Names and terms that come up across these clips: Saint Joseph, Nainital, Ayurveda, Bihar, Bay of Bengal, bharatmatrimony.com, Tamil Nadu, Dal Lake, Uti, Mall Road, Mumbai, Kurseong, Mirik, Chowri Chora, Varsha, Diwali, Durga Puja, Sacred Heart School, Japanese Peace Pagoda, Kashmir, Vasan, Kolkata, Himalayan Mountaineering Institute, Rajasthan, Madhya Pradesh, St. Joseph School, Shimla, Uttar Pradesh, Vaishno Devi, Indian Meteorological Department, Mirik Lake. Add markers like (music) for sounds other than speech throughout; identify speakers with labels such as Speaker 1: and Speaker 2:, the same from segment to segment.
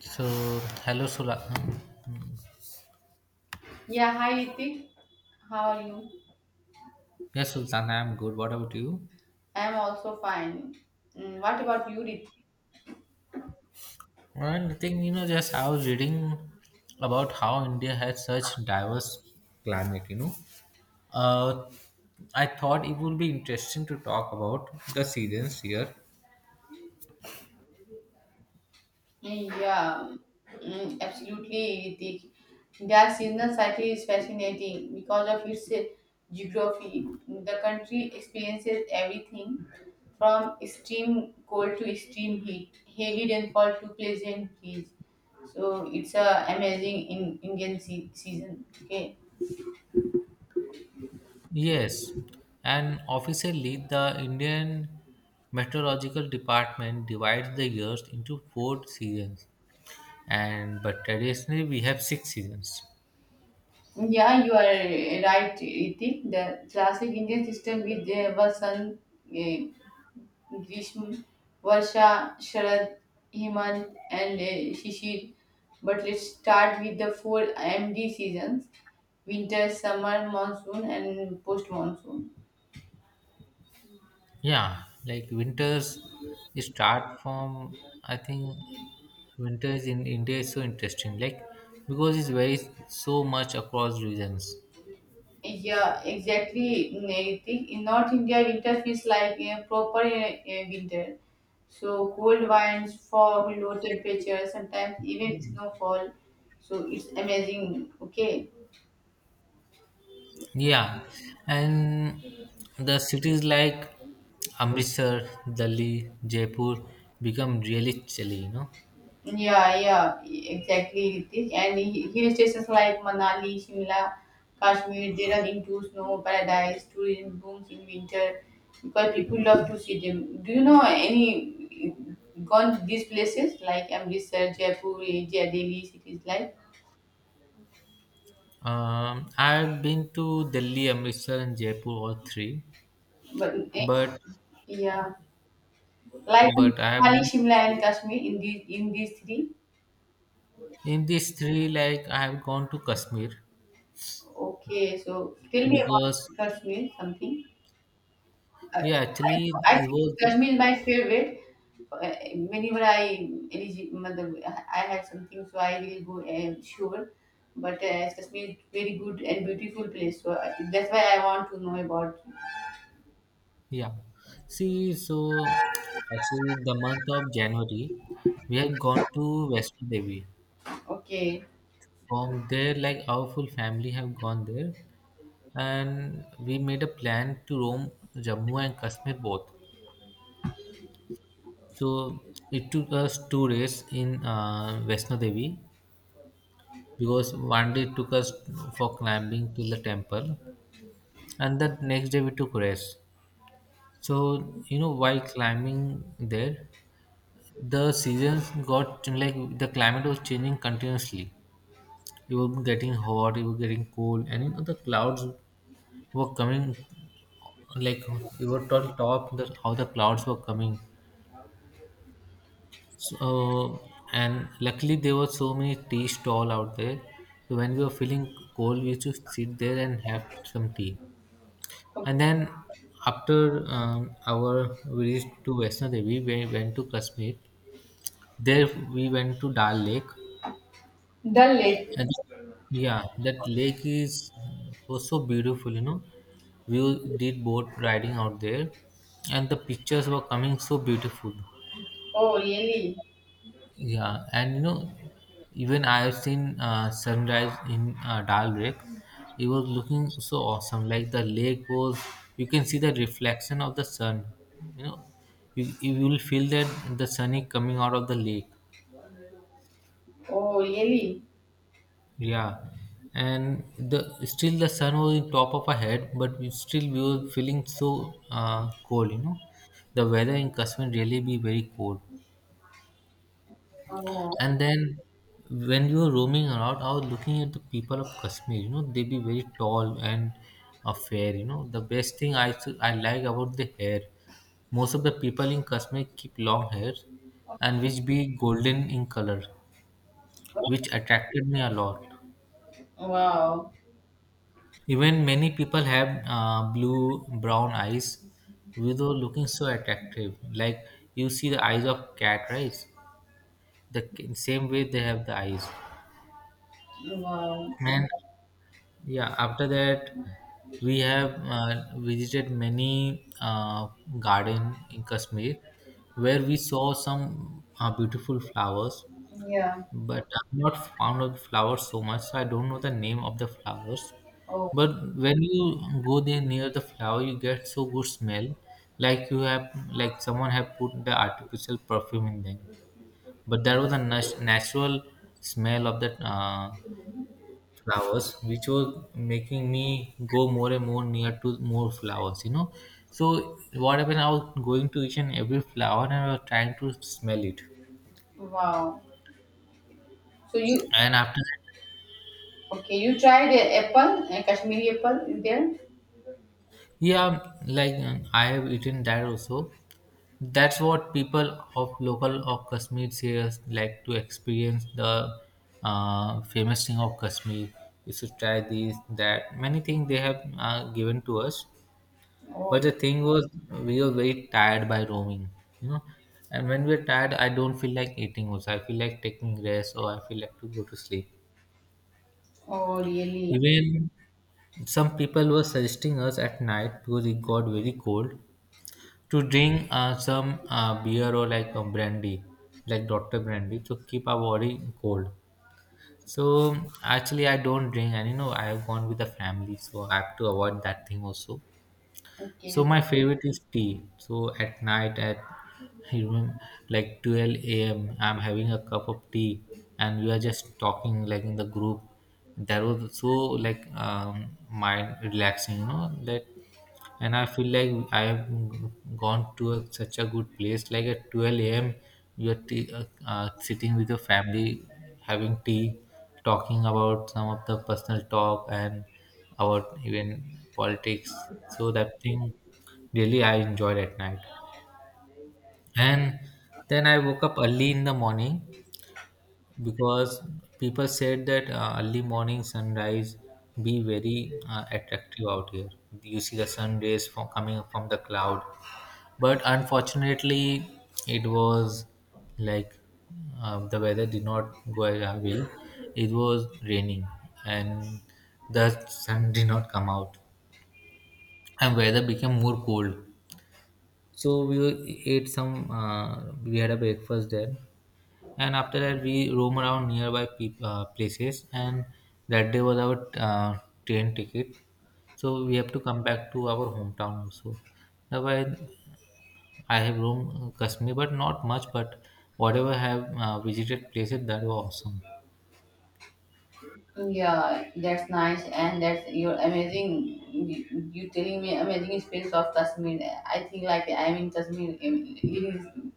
Speaker 1: So, hello, Sula. Hmm.
Speaker 2: Yeah, hi Ritik. How are you?
Speaker 1: Yes, Sultan, I'm good. What about you?
Speaker 2: I am also fine. What about you, Ritik?
Speaker 1: And I think, just I was reading about how India has such diverse climate, you know. Uh, I thought it would be interesting to talk about the seasons here.
Speaker 2: Yeah, absolutely, Ritik. India's seasonal cycle is fascinating because of its geography. The country experiences everything from extreme cold to extreme heat, heavy rainfall to pleasant breeze. So it's a amazing in Indian season. Okay.
Speaker 1: Yes, and officially, the Indian Meteorological Department divides the years into four seasons, and but traditionally we have six seasons.
Speaker 2: Yeah, you are right, Iti. The classic Indian system with the Vasan, eh, Grishma, Varsha, Sharad, Hemant, and Shishir. But let's start with the four MD seasons: winter, summer, monsoon, and post monsoon.
Speaker 1: Yeah, like winters start from I think winters in India is so interesting, like because it's very so much across regions.
Speaker 2: Yeah, exactly. In North India, winter feels like a proper winter. So cold winds, fog, low temperatures, sometimes even snowfall. So it's amazing. Okay.
Speaker 1: Yeah, and the cities like Amritsar, Delhi, Jaipur become really chilly. You know,
Speaker 2: Yeah, yeah, exactly, Ritesh. And hill stations like Manali, Shimla, Kashmir, they run into snow paradise. Tourism booms in winter because people love to see them. Do you know any gone to these places like Amritsar, Jaipur, Jai Delhi cities like?
Speaker 1: I've been to Delhi, Amritsar, and Jaipur all three,
Speaker 2: But
Speaker 1: but
Speaker 2: yeah, like
Speaker 1: but I have
Speaker 2: Manali, Shimla, and Kashmir in these three.
Speaker 1: in these three, like I have gone to Kashmir
Speaker 2: Okay, so tell me
Speaker 1: because
Speaker 2: about Kashmir something. Uh,
Speaker 1: yeah, actually,
Speaker 2: I
Speaker 1: it
Speaker 2: think
Speaker 1: was,
Speaker 2: Kashmir is my favorite. Whenever I matlab, I have something, so I will go sure. But Kashmir is very good and beautiful place, so I, that's why I want to know about.
Speaker 1: yeah. See, so actually, the month of January, we have gone to Western Devi.
Speaker 2: Okay,
Speaker 1: From there, like our full family have gone there, and we made a plan to roam Jammu and Kashmir both. So it took us 2 days in Vaishno Devi, because one day took us for climbing to the temple, and the next day we took rest. So you know, while climbing there, the seasons got, like the climate was changing continuously. You were getting hot, you were getting cold, and you know the clouds were coming. Like you were told top the, how the clouds were coming. So and luckily there were so many tea stall out there. So when we were feeling cold, we used to sit there and have some tea. And then after our we reached to Vaishno Devi, we went to Kashmir. There we went to Dal Lake.
Speaker 2: Dal Lake.
Speaker 1: And yeah, that lake is was so beautiful, you know. We did boat riding out there, and the pictures were coming so beautiful.
Speaker 2: Oh really?
Speaker 1: Yeah, and you know, even I have seen sunrise in Dal Lake. It was looking so awesome. Like the lake was, you can see the reflection of the sun. You know, you will feel that the sun is coming out of the lake.
Speaker 2: Oh really?
Speaker 1: Yeah, and the still the sun was in top of our head, but we still we were feeling so cold. You know, the weather in Kashmir really be very cold.
Speaker 2: Oh
Speaker 1: And then when we were roaming around, I was looking at the people of Kashmir. You know, they be very tall and fair. You know, the best thing I like about the hair, most of the people in Kashmir keep long hair, and which be golden in color, which attracted me a lot.
Speaker 2: wow,
Speaker 1: Even many people have blue brown eyes without looking so attractive. Like you see the eyes of cat, right? Same way they have the eyes.
Speaker 2: wow.
Speaker 1: And yeah, after that, we have visited many garden in Kashmir where we saw some beautiful flowers.
Speaker 2: Yeah.
Speaker 1: But I'm not fond of flowers so much, so I don't know the name of the flowers.
Speaker 2: Oh
Speaker 1: But when you go there near the flower, you get so good smell, like you have, like someone have put the artificial perfume in them. But that was a natural smell of that flowers, which was making me go more and more near to more flowers. You know, so what happened? I was going to each and every flower and I was trying to smell it.
Speaker 2: wow. So you
Speaker 1: And after
Speaker 2: okay? You tried apple, Kashmiri apple is there?
Speaker 1: yeah, like I have eaten that also. That's what people of local of Kashmir say, like to experience the famous thing of Kashmir. You should try these, that. Many things they have given to us.
Speaker 2: Oh,
Speaker 1: But the thing was, we were very tired by roaming, you know. And when we're tired, I don't feel like eating also. I feel like taking rest or I feel like to go to sleep.
Speaker 2: oh really?
Speaker 1: Even some people were suggesting us at night because it got very cold, to drink some beer or like a brandy, like Dr. Brandy, to keep our body cold. So actually, I don't drink, and you know, I have gone with the family, so I have to avoid that thing also. So
Speaker 2: Okay.
Speaker 1: my favorite is tea. So at night, at you remember, like 12 a.m., I'm having a cup of tea, and we are just talking like in the group. That was so like mind relaxing, you know, that, and I feel like I've gone to a, such a good place. Like at 12 a.m., you're tea, sitting with your family, having tea, talking about some of the personal talk and about even politics. So that thing really I enjoyed at night. And then I woke up early in the morning because people said that early morning sunrise be very attractive out here. You see the sun rays from coming from the cloud, but unfortunately it was like the weather did not go as our way. It was raining, and the sun did not come out, and weather became more cold, so we ate some we had a breakfast there, and after that we roam around nearby peop places, and that day was our train ticket, so we have to come back to our hometown also. Otherwise I have roamed Kashmir, but not much. But whatever I have visited places that were awesome.
Speaker 2: Yeah, that's nice, and that's your amazing. You telling me amazing experience of Kashmir. I think like I'm in Kashmir. I'm living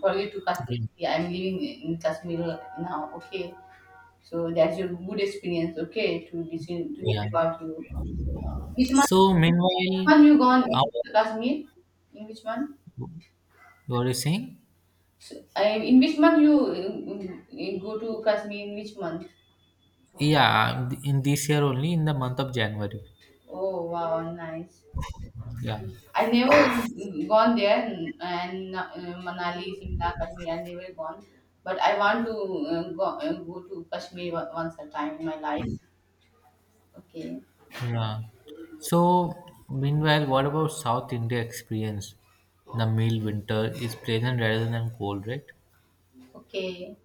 Speaker 2: for you to Kashmir.
Speaker 1: Yeah.
Speaker 2: Yeah, I'm living in Kashmir now. Okay, so that's your good experience. Okay, to listen to
Speaker 1: Yeah.
Speaker 2: hear about you. Which month?
Speaker 1: So
Speaker 2: Which
Speaker 1: meanwhile,
Speaker 2: month you gone
Speaker 1: uh,
Speaker 2: in Kashmir? In which month?
Speaker 1: what are you saying?
Speaker 2: So, I, in which month you go to Kashmir? In which month?
Speaker 1: Yeah, in this year only, in the month of January.
Speaker 2: Oh wow, nice.
Speaker 1: Yeah.
Speaker 2: I've never gone there, and, Manali, Shimla, Kashmir. I've never gone, but I want to go, go to Kashmir once a time in my life. Okay,
Speaker 1: Yeah. So, meanwhile, what about South India experience? The mild winter is pleasant rather than cold, right?
Speaker 2: okay.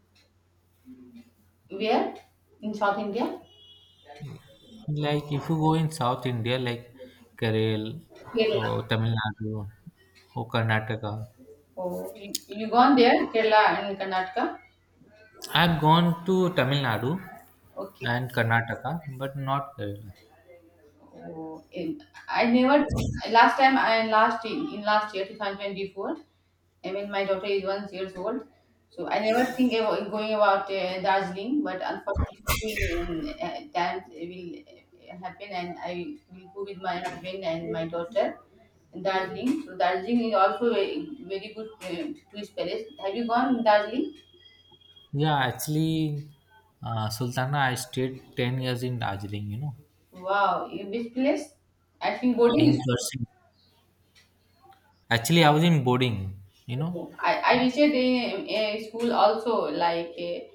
Speaker 2: Where in South India?
Speaker 1: Like if you go in South India, like Kerala
Speaker 2: Kerala.
Speaker 1: or Tamil Nadu or Karnataka,
Speaker 2: Oh, you gone there, Kerala and Karnataka?
Speaker 1: I've gone to Tamil Nadu
Speaker 2: Okay.
Speaker 1: and Karnataka, but not Kerala.
Speaker 2: Oh, in, I never last time I last in last year 2024. I mean, my daughter is 1 years old, so I never think about going about Darjeeling. But unfortunately, that will happen, and I will go with my husband and my daughter in Darjeeling. So Darjeeling is also a very good tourist place. Have you gone Darjeeling?
Speaker 1: Yeah, actually, Sultana, I stayed 10 years in Darjeeling, you know,
Speaker 2: Wow, in which place? I think
Speaker 1: in
Speaker 2: boarding.
Speaker 1: person. Actually, I was in boarding, you know.
Speaker 2: I reached a school also like a,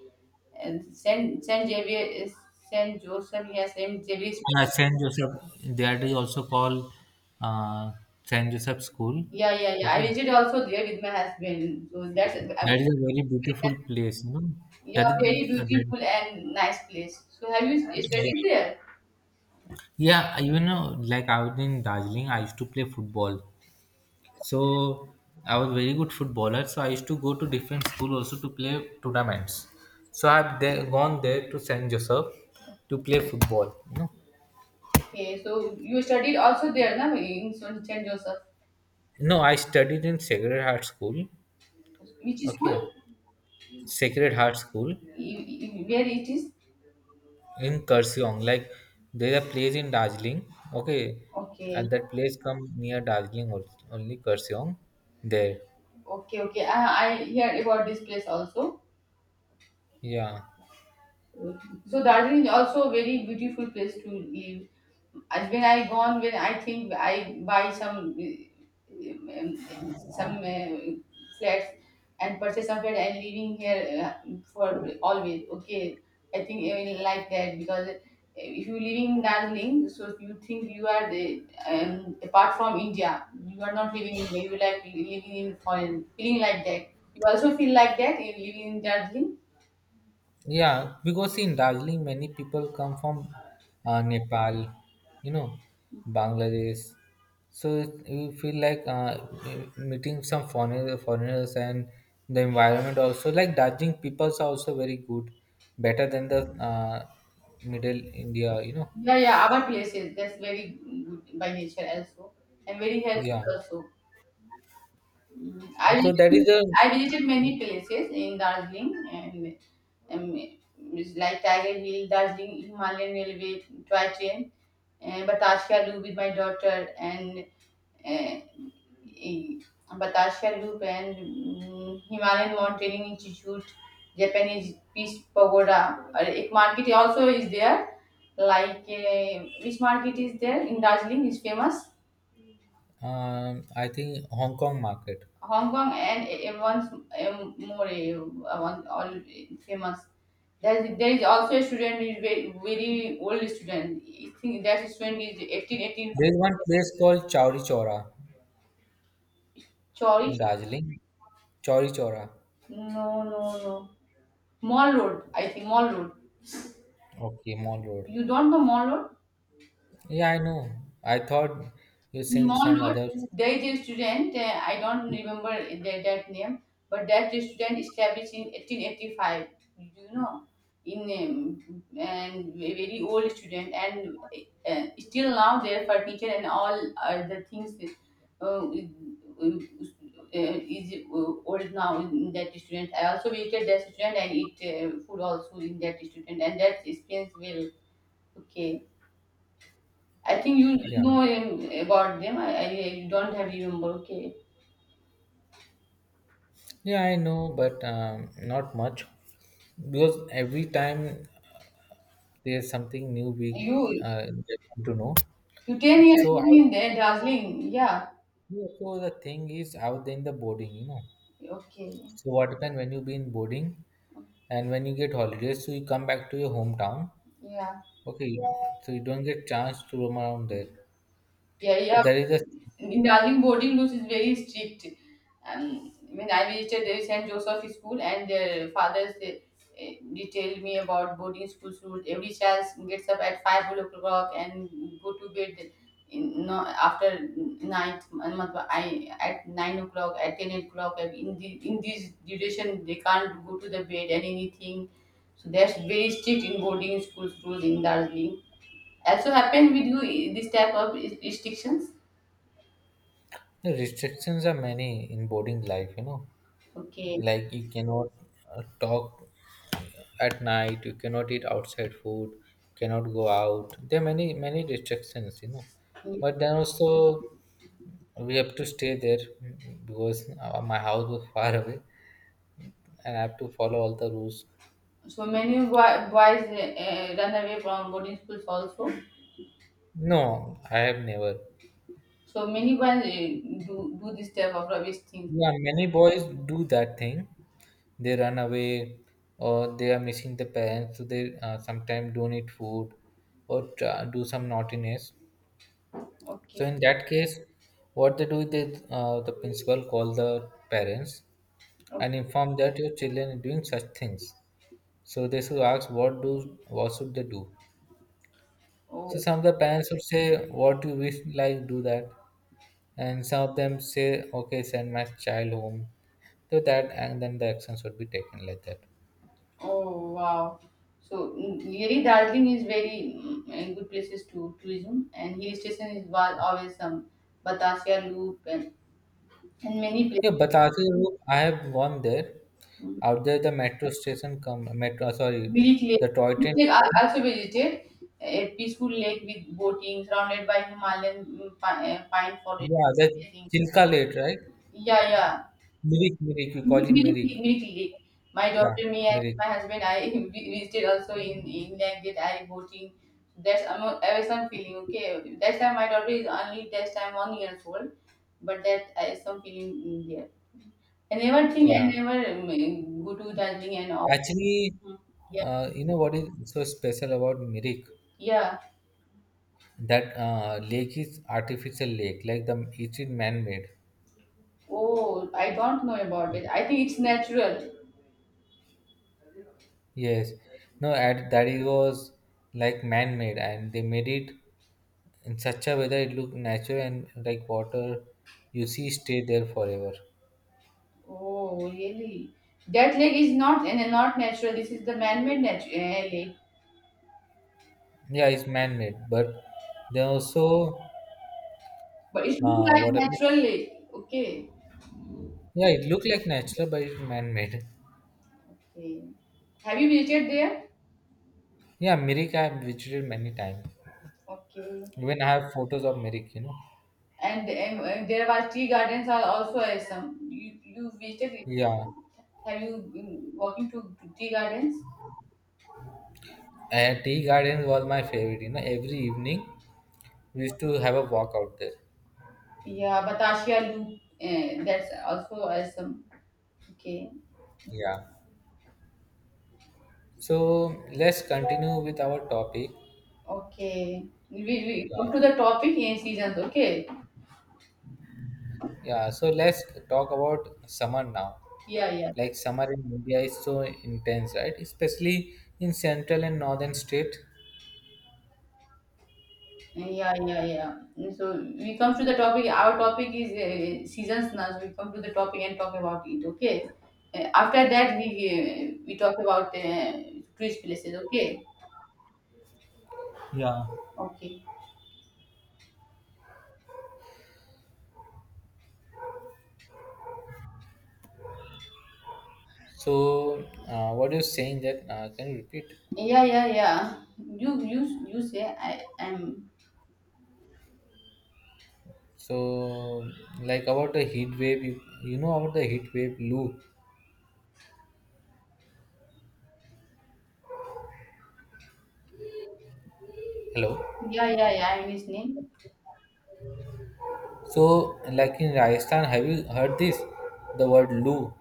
Speaker 2: Saint Xavier is Saint Joseph. Yeah, Saint Xavier.
Speaker 1: St. Joseph, that is also called uh, St. Joseph School.
Speaker 2: Yeah, yeah, yeah, I
Speaker 1: Okay.
Speaker 2: visited also there with my husband, so that's
Speaker 1: That is a very beautiful place, you know. That
Speaker 2: yeah,
Speaker 1: is,
Speaker 2: very
Speaker 1: uh, that,
Speaker 2: beautiful and nice place. So have you
Speaker 1: yeah.
Speaker 2: studied there?
Speaker 1: Yeah, you know, like I was in Darjeeling, I used to play football. So I was very good footballer. So I used to go to different school also to play tournaments. So I've there, gone there to Saint Joseph to play football. You know?
Speaker 2: Okay, so you studied also there na in Saint Joseph.
Speaker 1: No, I studied in Sacred Heart School.
Speaker 2: Which
Speaker 1: Okay,
Speaker 2: school?
Speaker 1: Sacred Heart School
Speaker 2: Where it is?
Speaker 1: in Kurseong. Like there's a place in Darjeeling. Okay, and
Speaker 2: Okay,
Speaker 1: that place come near Darjeeling also, only Kurseong. There,
Speaker 2: okay, okay, I heard about this place also.
Speaker 1: yeah.
Speaker 2: So Darjeeling is also a very beautiful place to live. As when I gone, when I think I buy some flats and purchase some flat and living here for always. Okay, I think I will like that because if you living in Darjeeling, so you think you are the, apart from India, you are not living in you like living in foreign, feeling like that. You also feel like that in living in Darjeeling.
Speaker 1: Yeah, because in Darjeeling, many people come from Nepal, you know, Bangladesh. So you feel like meeting some foreigner, foreigners, and the environment also. Like Darjeeling, peoples are also very good, better than the middle India, you know.
Speaker 2: Yeah, yeah, our places. That's very good by nature also and very healthy
Speaker 1: Yeah.
Speaker 2: also. Mm, I
Speaker 1: So that is
Speaker 2: visited,
Speaker 1: the,
Speaker 2: I visited many places in Darjeeling and it's like Tiger Hill, Darjeeling Himalayan Railway, toy train, and Batashka Loop with my daughter, and uh, in Batashka Loop and Himalayan Mountaineering Institute, Japanese Peace Pagoda. Ek market also is there, like which market is there in Darjeeling is famous.
Speaker 1: I think, Hong Kong market.
Speaker 2: Hong Kong and in once more one all famous. There is also a student is very, very old student. I think that student is 18, 18. 18.
Speaker 1: There is one place called Chowri Chora in
Speaker 2: Sorry,
Speaker 1: Darjeeling. Chowri Chora.
Speaker 2: no, no, no. Mall Road, I think Mall Road.
Speaker 1: Okay, Mall Road.
Speaker 2: You don't know Mall Road?
Speaker 1: Yeah, I know. I thought you
Speaker 2: In
Speaker 1: sing
Speaker 2: Mall
Speaker 1: some
Speaker 2: Road,
Speaker 1: other.
Speaker 2: there is a student, I don't remember their that name, but that student established in 1885, you know, in and a very old student, and still now their furniture and all other things uh, is, uh, is old now in that student. I also visited that student and eat food also in that student, and that experience well. Okay. I think you
Speaker 1: Yeah,
Speaker 2: know about them. I don't have remember. Okay,
Speaker 1: yeah, I know, but not much because every time there's something new we
Speaker 2: you
Speaker 1: get to know.
Speaker 2: you 10 years
Speaker 1: So I
Speaker 2: in there, darling. Yeah.
Speaker 1: so the thing is out there in the boarding, you know.
Speaker 2: Okay.
Speaker 1: So what happen when you be in boarding, and when you get holidays, so you come back to your hometown.
Speaker 2: Yeah.
Speaker 1: Okay, you- so you don't get chance to roam around there.
Speaker 2: Yeah.
Speaker 1: So,
Speaker 2: Yeah.
Speaker 1: that is
Speaker 2: In Darjeeling boarding rules is very strict. When I visited the St. Joseph School and their fathers they, detailed me about boarding school's rules. Every child gets up at 5 o'clock and go to bed in, no, after night. I, at 9 o'clock, at 10 o'clock. And in, the, in this duration, they can't go to the bed and anything. So that's very strict in boarding school's rules in Darjeeling. Also happened with you this type of restrictions?
Speaker 1: the restrictions are many in boarding life, you know.
Speaker 2: Okay.
Speaker 1: Like you cannot talk at night, you cannot eat outside food, cannot go out. There are many restrictions, you know. But then also we have to stay there, because my house was (laughs) far away, and I have to follow all the rules.
Speaker 2: So many boys run away from boarding schools also.
Speaker 1: No, I have never.
Speaker 2: So many boys do do this type of rubbish thing.
Speaker 1: Yeah, many boys do that thing. They run away, or they are missing the parents, so they sometimes don't eat food, or try, do some naughtiness.
Speaker 2: Okay.
Speaker 1: So in that case, what they do, is they the principal call the parents
Speaker 2: Oh,
Speaker 1: and inform that your children are doing such things. So they should ask what should they do. So
Speaker 2: oh,
Speaker 1: some of the parents would say, "What do you wish, like do that," and some of them say, "Okay, send my child home." So that and then the actions would be taken like that.
Speaker 2: oh, wow. So really, Darjeeling is very a good places to tourism, and hill station is always some Batasia Loop and many places.
Speaker 1: Yeah, but Roop, I have gone there.
Speaker 2: Mm.
Speaker 1: Out there, the metro station come metro sorry,
Speaker 2: Mirik
Speaker 1: the
Speaker 2: Lake,
Speaker 1: toy
Speaker 2: Mirik
Speaker 1: train
Speaker 2: Lake I
Speaker 1: came.
Speaker 2: also visited, a peaceful lake with boating, surrounded by Himalayan pine forest.
Speaker 1: Yeah, the
Speaker 2: Amazing.
Speaker 1: Chilka Lake, right?
Speaker 2: Yeah, yeah.
Speaker 1: Mirik, Mirik. We call him
Speaker 2: Unique,
Speaker 1: Mirik.
Speaker 2: unique league. My
Speaker 1: Yeah,
Speaker 2: daughter, me, and
Speaker 1: Mirik.
Speaker 2: my husband, I (laughs) we visited also in England. Did I boating? That's I'm I always some feeling. Okay, that time my daughter is only that time 1 years old, but that I some feeling in there. I never think I
Speaker 1: Yeah.
Speaker 2: never go to Darjeeling and all.
Speaker 1: Actually,
Speaker 2: Mm. Yeah,
Speaker 1: you know what is so special about Mirik?
Speaker 2: yeah.
Speaker 1: That lake is artificial lake, like the it is man-made.
Speaker 2: Oh, I don't know about it. I think it's natural.
Speaker 1: Yes. No, at that it was like man-made, and they made it in such a way that it look natural and like water you see stay there forever.
Speaker 2: Oh, really? That lake is not and not natural. This is the man-made lake.
Speaker 1: Yeah, it's man-made, but they also
Speaker 2: But it looks like
Speaker 1: what happened?
Speaker 2: naturally. Okay.
Speaker 1: Yeah, it looked like natural, but it's man-made.
Speaker 2: Okay. Have you visited there?
Speaker 1: Yeah, Mirik I have visited many times.
Speaker 2: Okay.
Speaker 1: Even I have photos of Mirik, you know.
Speaker 2: And there are tea gardens are also some. You visited it?
Speaker 1: Yeah.
Speaker 2: Have you been walking to tea gardens?
Speaker 1: And tea gardens was my favorite, you know. Every evening we used to have a walk out there.
Speaker 2: Yeah, Batashia Loop. That's also awesome. Okay.
Speaker 1: Yeah. So let's continue with our topic.
Speaker 2: Okay. We come
Speaker 1: Yeah.
Speaker 2: to the topic in seasons. Okay.
Speaker 1: Yeah. So let's talk about summer now.
Speaker 2: Yeah, yeah.
Speaker 1: Like summer in India is so intense, right? Especially in central and northern state.
Speaker 2: Yeah, yeah, yeah. So we come to the topic. Our topic is seasons now. So we come to the topic and talk about it. Okay. After that, we talk about tourist places. Okay.
Speaker 1: Yeah.
Speaker 2: Okay.
Speaker 1: So what you're saying that can you repeat?
Speaker 2: Yeah, yeah, yeah. You say I am.
Speaker 1: So, like about the heat wave, you know about the heat wave Loo. Hello.
Speaker 2: Yeah, yeah, yeah. I'm listening.
Speaker 1: So, like in Rajasthan, have you heard this? The word Loo.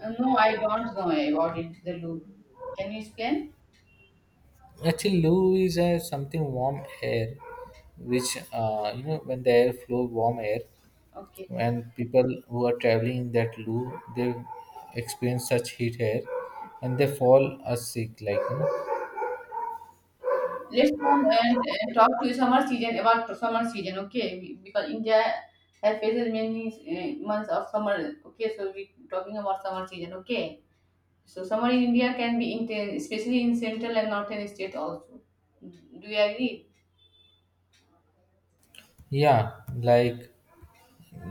Speaker 2: No, I don't know about it. The loop. Can you explain?
Speaker 1: Actually, Loo is something warm air, which you know when the air flow warm air,
Speaker 2: Okay.
Speaker 1: and people who are traveling in that Loo, they experience such heat air, and they fall sick. Like you know,
Speaker 2: Let's come and talk to summer season about the summer season, okay? Because India has faces many months of summer, okay? So we talking about summer season, okay? So summer in India can be intense, especially in central and northern states also. Do you agree?
Speaker 1: yeah, like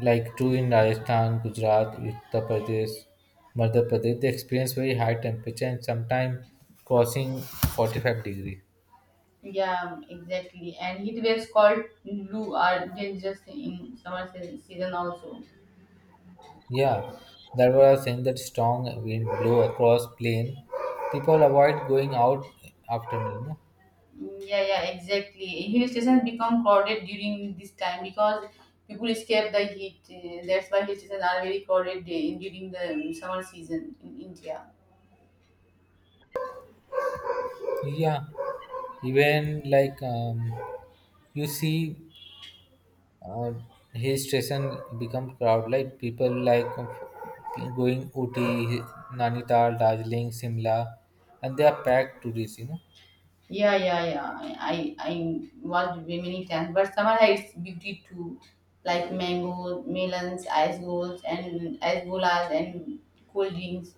Speaker 1: like two in Rajasthan, Gujarat, Uttar Pradesh, Madhya Pradesh, they experience very high temperature and sometimes crossing 45 degree.
Speaker 2: Yeah, exactly. And heat waves called Lu are dangerous in summer season also.
Speaker 1: Yeah, that was saying that strong wind blew across plain. People avoid going out afternoon. No?
Speaker 2: Yeah, yeah, exactly. Hill stations become crowded during this time because people escape the heat. That's why hill stations are very crowded during the summer season in India.
Speaker 1: Yeah, even like you see uh, hill station become crowd like people like going Uti, Nainital, Darjeeling, Simla, and they are packed tourists. You know,
Speaker 2: Yeah, yeah, yeah. I was many times, but summer has its beauty too, like mango, melons, ice balls, and ice bolas and cold drinks.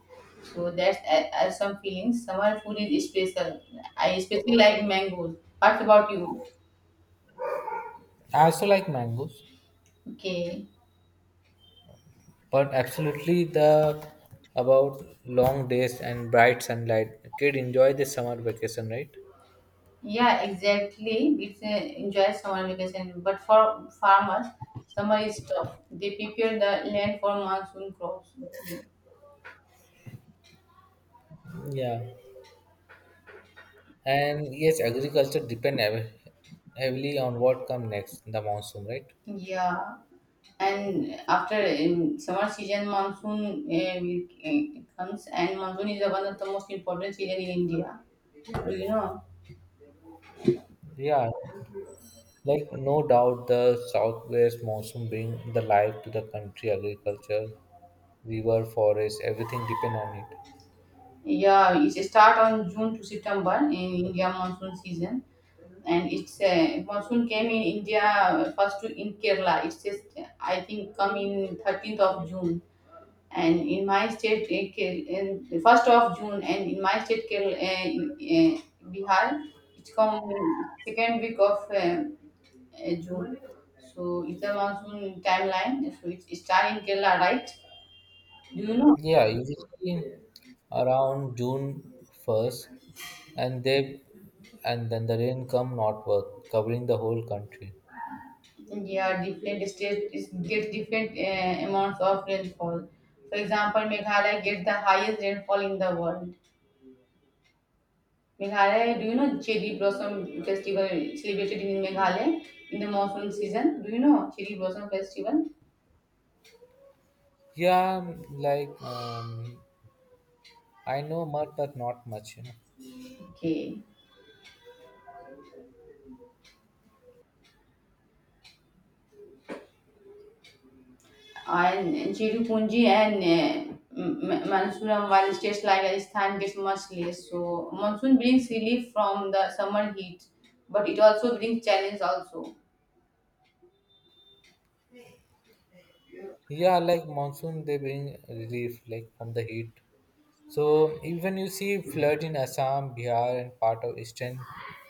Speaker 2: So that's some feelings. Summer food is special. I especially like mangoes. What about you?
Speaker 1: I also like mangoes,
Speaker 2: Okay.
Speaker 1: but absolutely the about long days and bright sunlight. Kid enjoy the summer vacation, right?
Speaker 2: Yeah, exactly. It's a enjoy summer vacation, but for farmers, summer is tough. They prepare the land for monsoon crops.
Speaker 1: Yeah, and yes, agriculture depend heavily on what come next, the monsoon, right?
Speaker 2: Yeah, and after summer season, monsoon comes, and monsoon is one of the most important season in India. Do you know?
Speaker 1: Yeah, like no doubt the southwest monsoon bring the life to the country, agriculture, river, forest, everything depend on it.
Speaker 2: Yeah, it's start on June to September in India monsoon season. And it's a monsoon came in India first to in Kerala. It's just I think come in 13th of June, and in my state in first of June, and in my state Kerala, Bihar, it's come second week of June. So it's a monsoon timeline. So it's start in Kerala, right? Do you know?
Speaker 1: Yeah, usually around June first and they and then the rain come northward, covering the whole country.
Speaker 2: Yeah, different states get different amounts of rainfall. For example, Meghalaya gets the highest rainfall in the world. Meghalaya, do you know cherry blossom festival celebrated in Meghalaya in the monsoon season? Do you know cherry blossom festival?
Speaker 1: Yeah, like I know much but not much, you know.
Speaker 2: Okay. And Cherry and Mansuram, while states like Rajasthan gets much less. So monsoon brings relief from the summer heat, but it also brings challenge also.
Speaker 1: Yeah, like monsoon they bring relief like from the heat. So even you see flood in Assam, Bihar, and part of eastern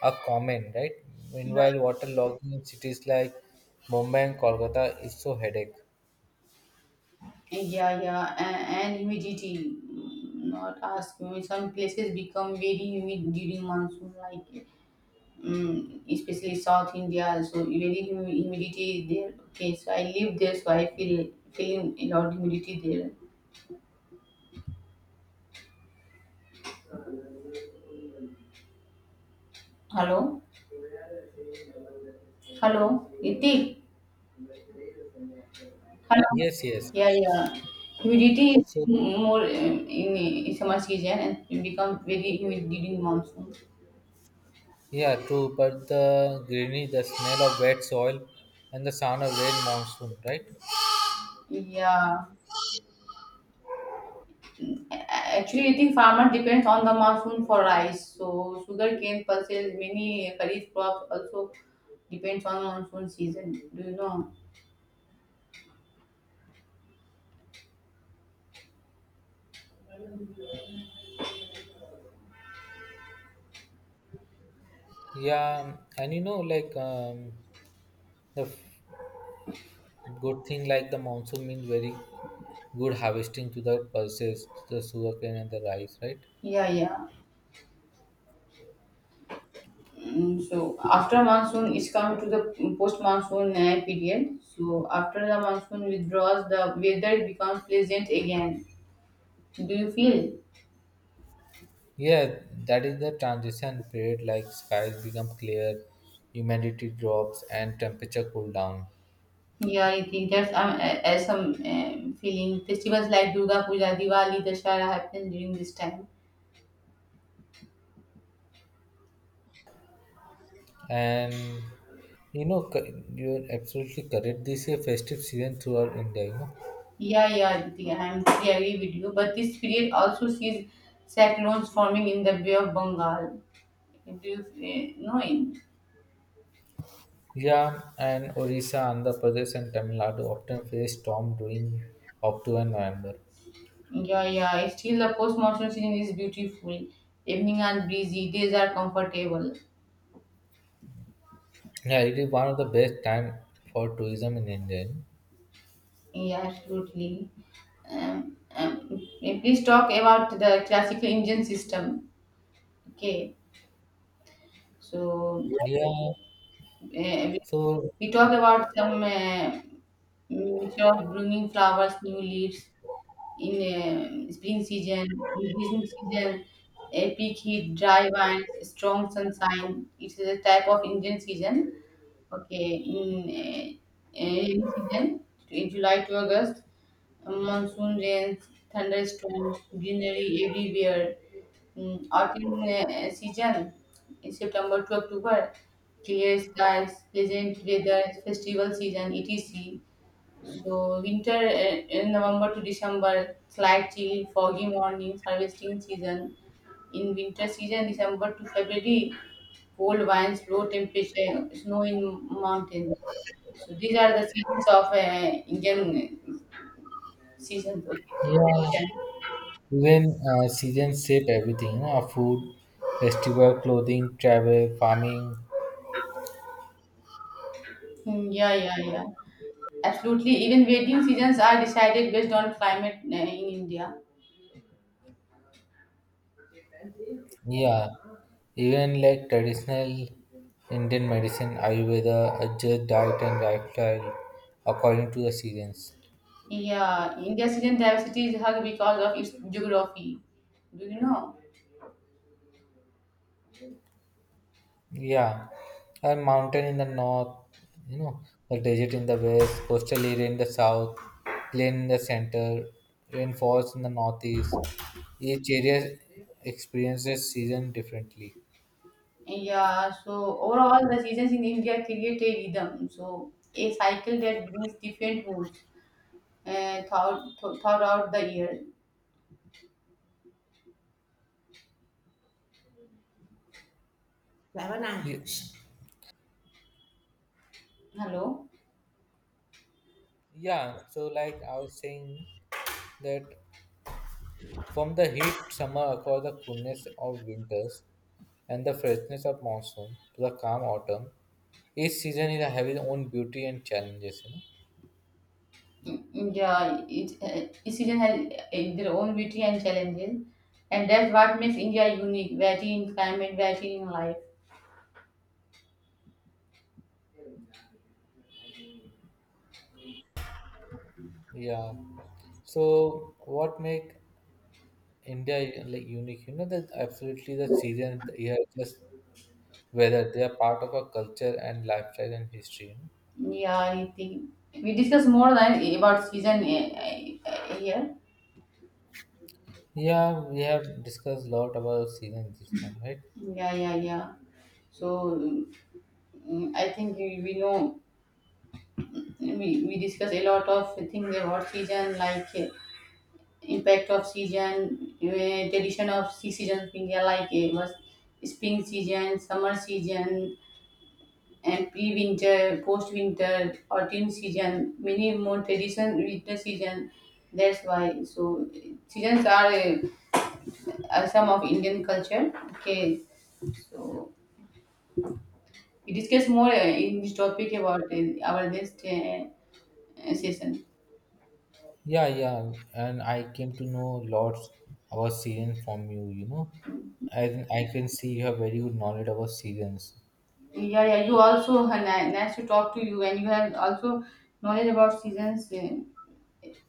Speaker 1: are common, right?
Speaker 2: Yeah,
Speaker 1: Meanwhile, water logging in cities like Mumbai and Kolkata is so headache.
Speaker 2: yeah, yeah, and humidity. Not ask me. Some places become very humid during monsoon, like especially South India. So very humidity there. Okay, so I live there, so I feel feeling a lot humidity there. Hello, hello, Iti, hello.
Speaker 1: Yes, yes.
Speaker 2: Yeah, yeah. Humidity is
Speaker 1: So
Speaker 2: more in summer season and it become very humid during monsoon.
Speaker 1: yeah, true. But the greenery, the smell of wet soil, and the sound of rain monsoon, right?
Speaker 2: Yeah, A- actually, I think farmer depends on the monsoon for rice. So sugarcane pulses, many kharif crops also depends on monsoon season. Do you know?
Speaker 1: Yeah, and you know, like the f- good thing, like the monsoon means very good harvesting to the pulses, the sugarcane and the rice, right?
Speaker 2: Yeah, yeah. So after monsoon it's come to the post monsoon period, so after the monsoon withdraws the weather becomes pleasant again, do you feel?
Speaker 1: Yeah, that is the transition period like skies become clear, humidity drops and temperature cool down.
Speaker 2: Yeah, I think that's as some feeling festivals like Durga Puja, Diwali, Dashara happen during this time.
Speaker 1: And you know co- you're absolutely correct. This is a festive season throughout India, you know.
Speaker 2: Yeah, yeah, I agree with you, but this period also sees cyclones forming in the Bay of Bengal, do you know it?
Speaker 1: Yeah, and Orissa, Andhra Pradesh and Tamil Nadu often face storm during October and November.
Speaker 2: Yeah, yeah. Still, the post-monsoon season is beautiful. Evening are breezy, days are comfortable.
Speaker 1: Yeah, it is one of the best time for tourism in India, you know.
Speaker 2: Yeah, absolutely. Please talk about the classical Indian system. Okay, so yeah.
Speaker 1: Yeah.
Speaker 2: uh, we
Speaker 1: So
Speaker 2: we talk about some mixture of blooming flowers, new leaves in spring season, in green season, a peak heat, dry winds, strong sunshine. It is a type of Indian season. Okay, in rainy season, in July to August, monsoon rains, thunderstorms, greenery everywhere. Autumn season, in September to October, clear skies, pleasant weather, festival season, etc. So winter in November to December, slight chill, foggy mornings, harvesting season. In winter season, December to February, cold winds, low temperature, snow in mountains. So these are the seasons of Indian seasons. Okay.
Speaker 1: yeah. Even seasons shape everything. Food, festival, clothing, travel, farming.
Speaker 2: Hmm, yeah, yeah, yeah. Absolutely. Even wedding seasons are decided based on climate in India.
Speaker 1: Yeah, even like traditional Indian medicine, Ayurveda, adjust diet and lifestyle according to the seasons.
Speaker 2: Yeah, India's season diversity is high because of its geography. Do you know?
Speaker 1: Yeah, a mountain in the north, you know, a desert in the west, coastal area in the south, plain in the center, rainforest in the northeast. Each area experiences season differently.
Speaker 2: Yeah, so overall, the seasons in India create a rhythm, so a cycle that brings different moods throughout the year.
Speaker 1: Lavana. Ye-
Speaker 2: Hello?
Speaker 1: Yeah, so like I was saying that from the heat summer across the coolness of winters and the freshness of monsoon to the calm autumn, each season is having its own beauty and challenges, you know.
Speaker 2: Yeah, it, each season has their own beauty and challenges, and that's what makes India unique, variety in climate, variety in life.
Speaker 1: Yeah. So what make India like unique? You know that absolutely the season the year just weather. They are part of our culture and lifestyle and history, you know.
Speaker 2: Yeah, I think we discuss more than about season here.
Speaker 1: Yeah, we have discussed a lot about season this time, right?
Speaker 2: Yeah, yeah, yeah. So I think we know. We discuss a lot of things about season like impact of season tradition of seasons in India like was spring season, summer season and pre-winter, post-winter, autumn season, many more tradition, winter season. That's why so seasons are some of Indian culture. Okay. So we discuss more in this topic about our next session.
Speaker 1: Yeah, yeah, and I came to know lots about season from you, you know. And I can see you have very good knowledge about seasons.
Speaker 2: Yeah, yeah. You also nice to talk to you, and you have also knowledge about seasons, in,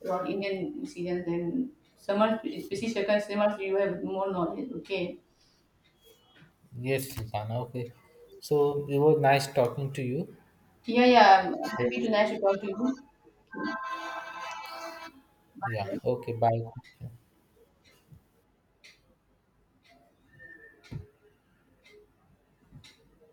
Speaker 2: about Indian seasons and summer, especially circa summer, so you have more knowledge. Okay.
Speaker 1: Yes, Susanna, okay. So it was nice talking to you.
Speaker 2: Yeah, yeah. I'm happy to nice to talk to you. Okay.
Speaker 1: Yeah, okay, bye.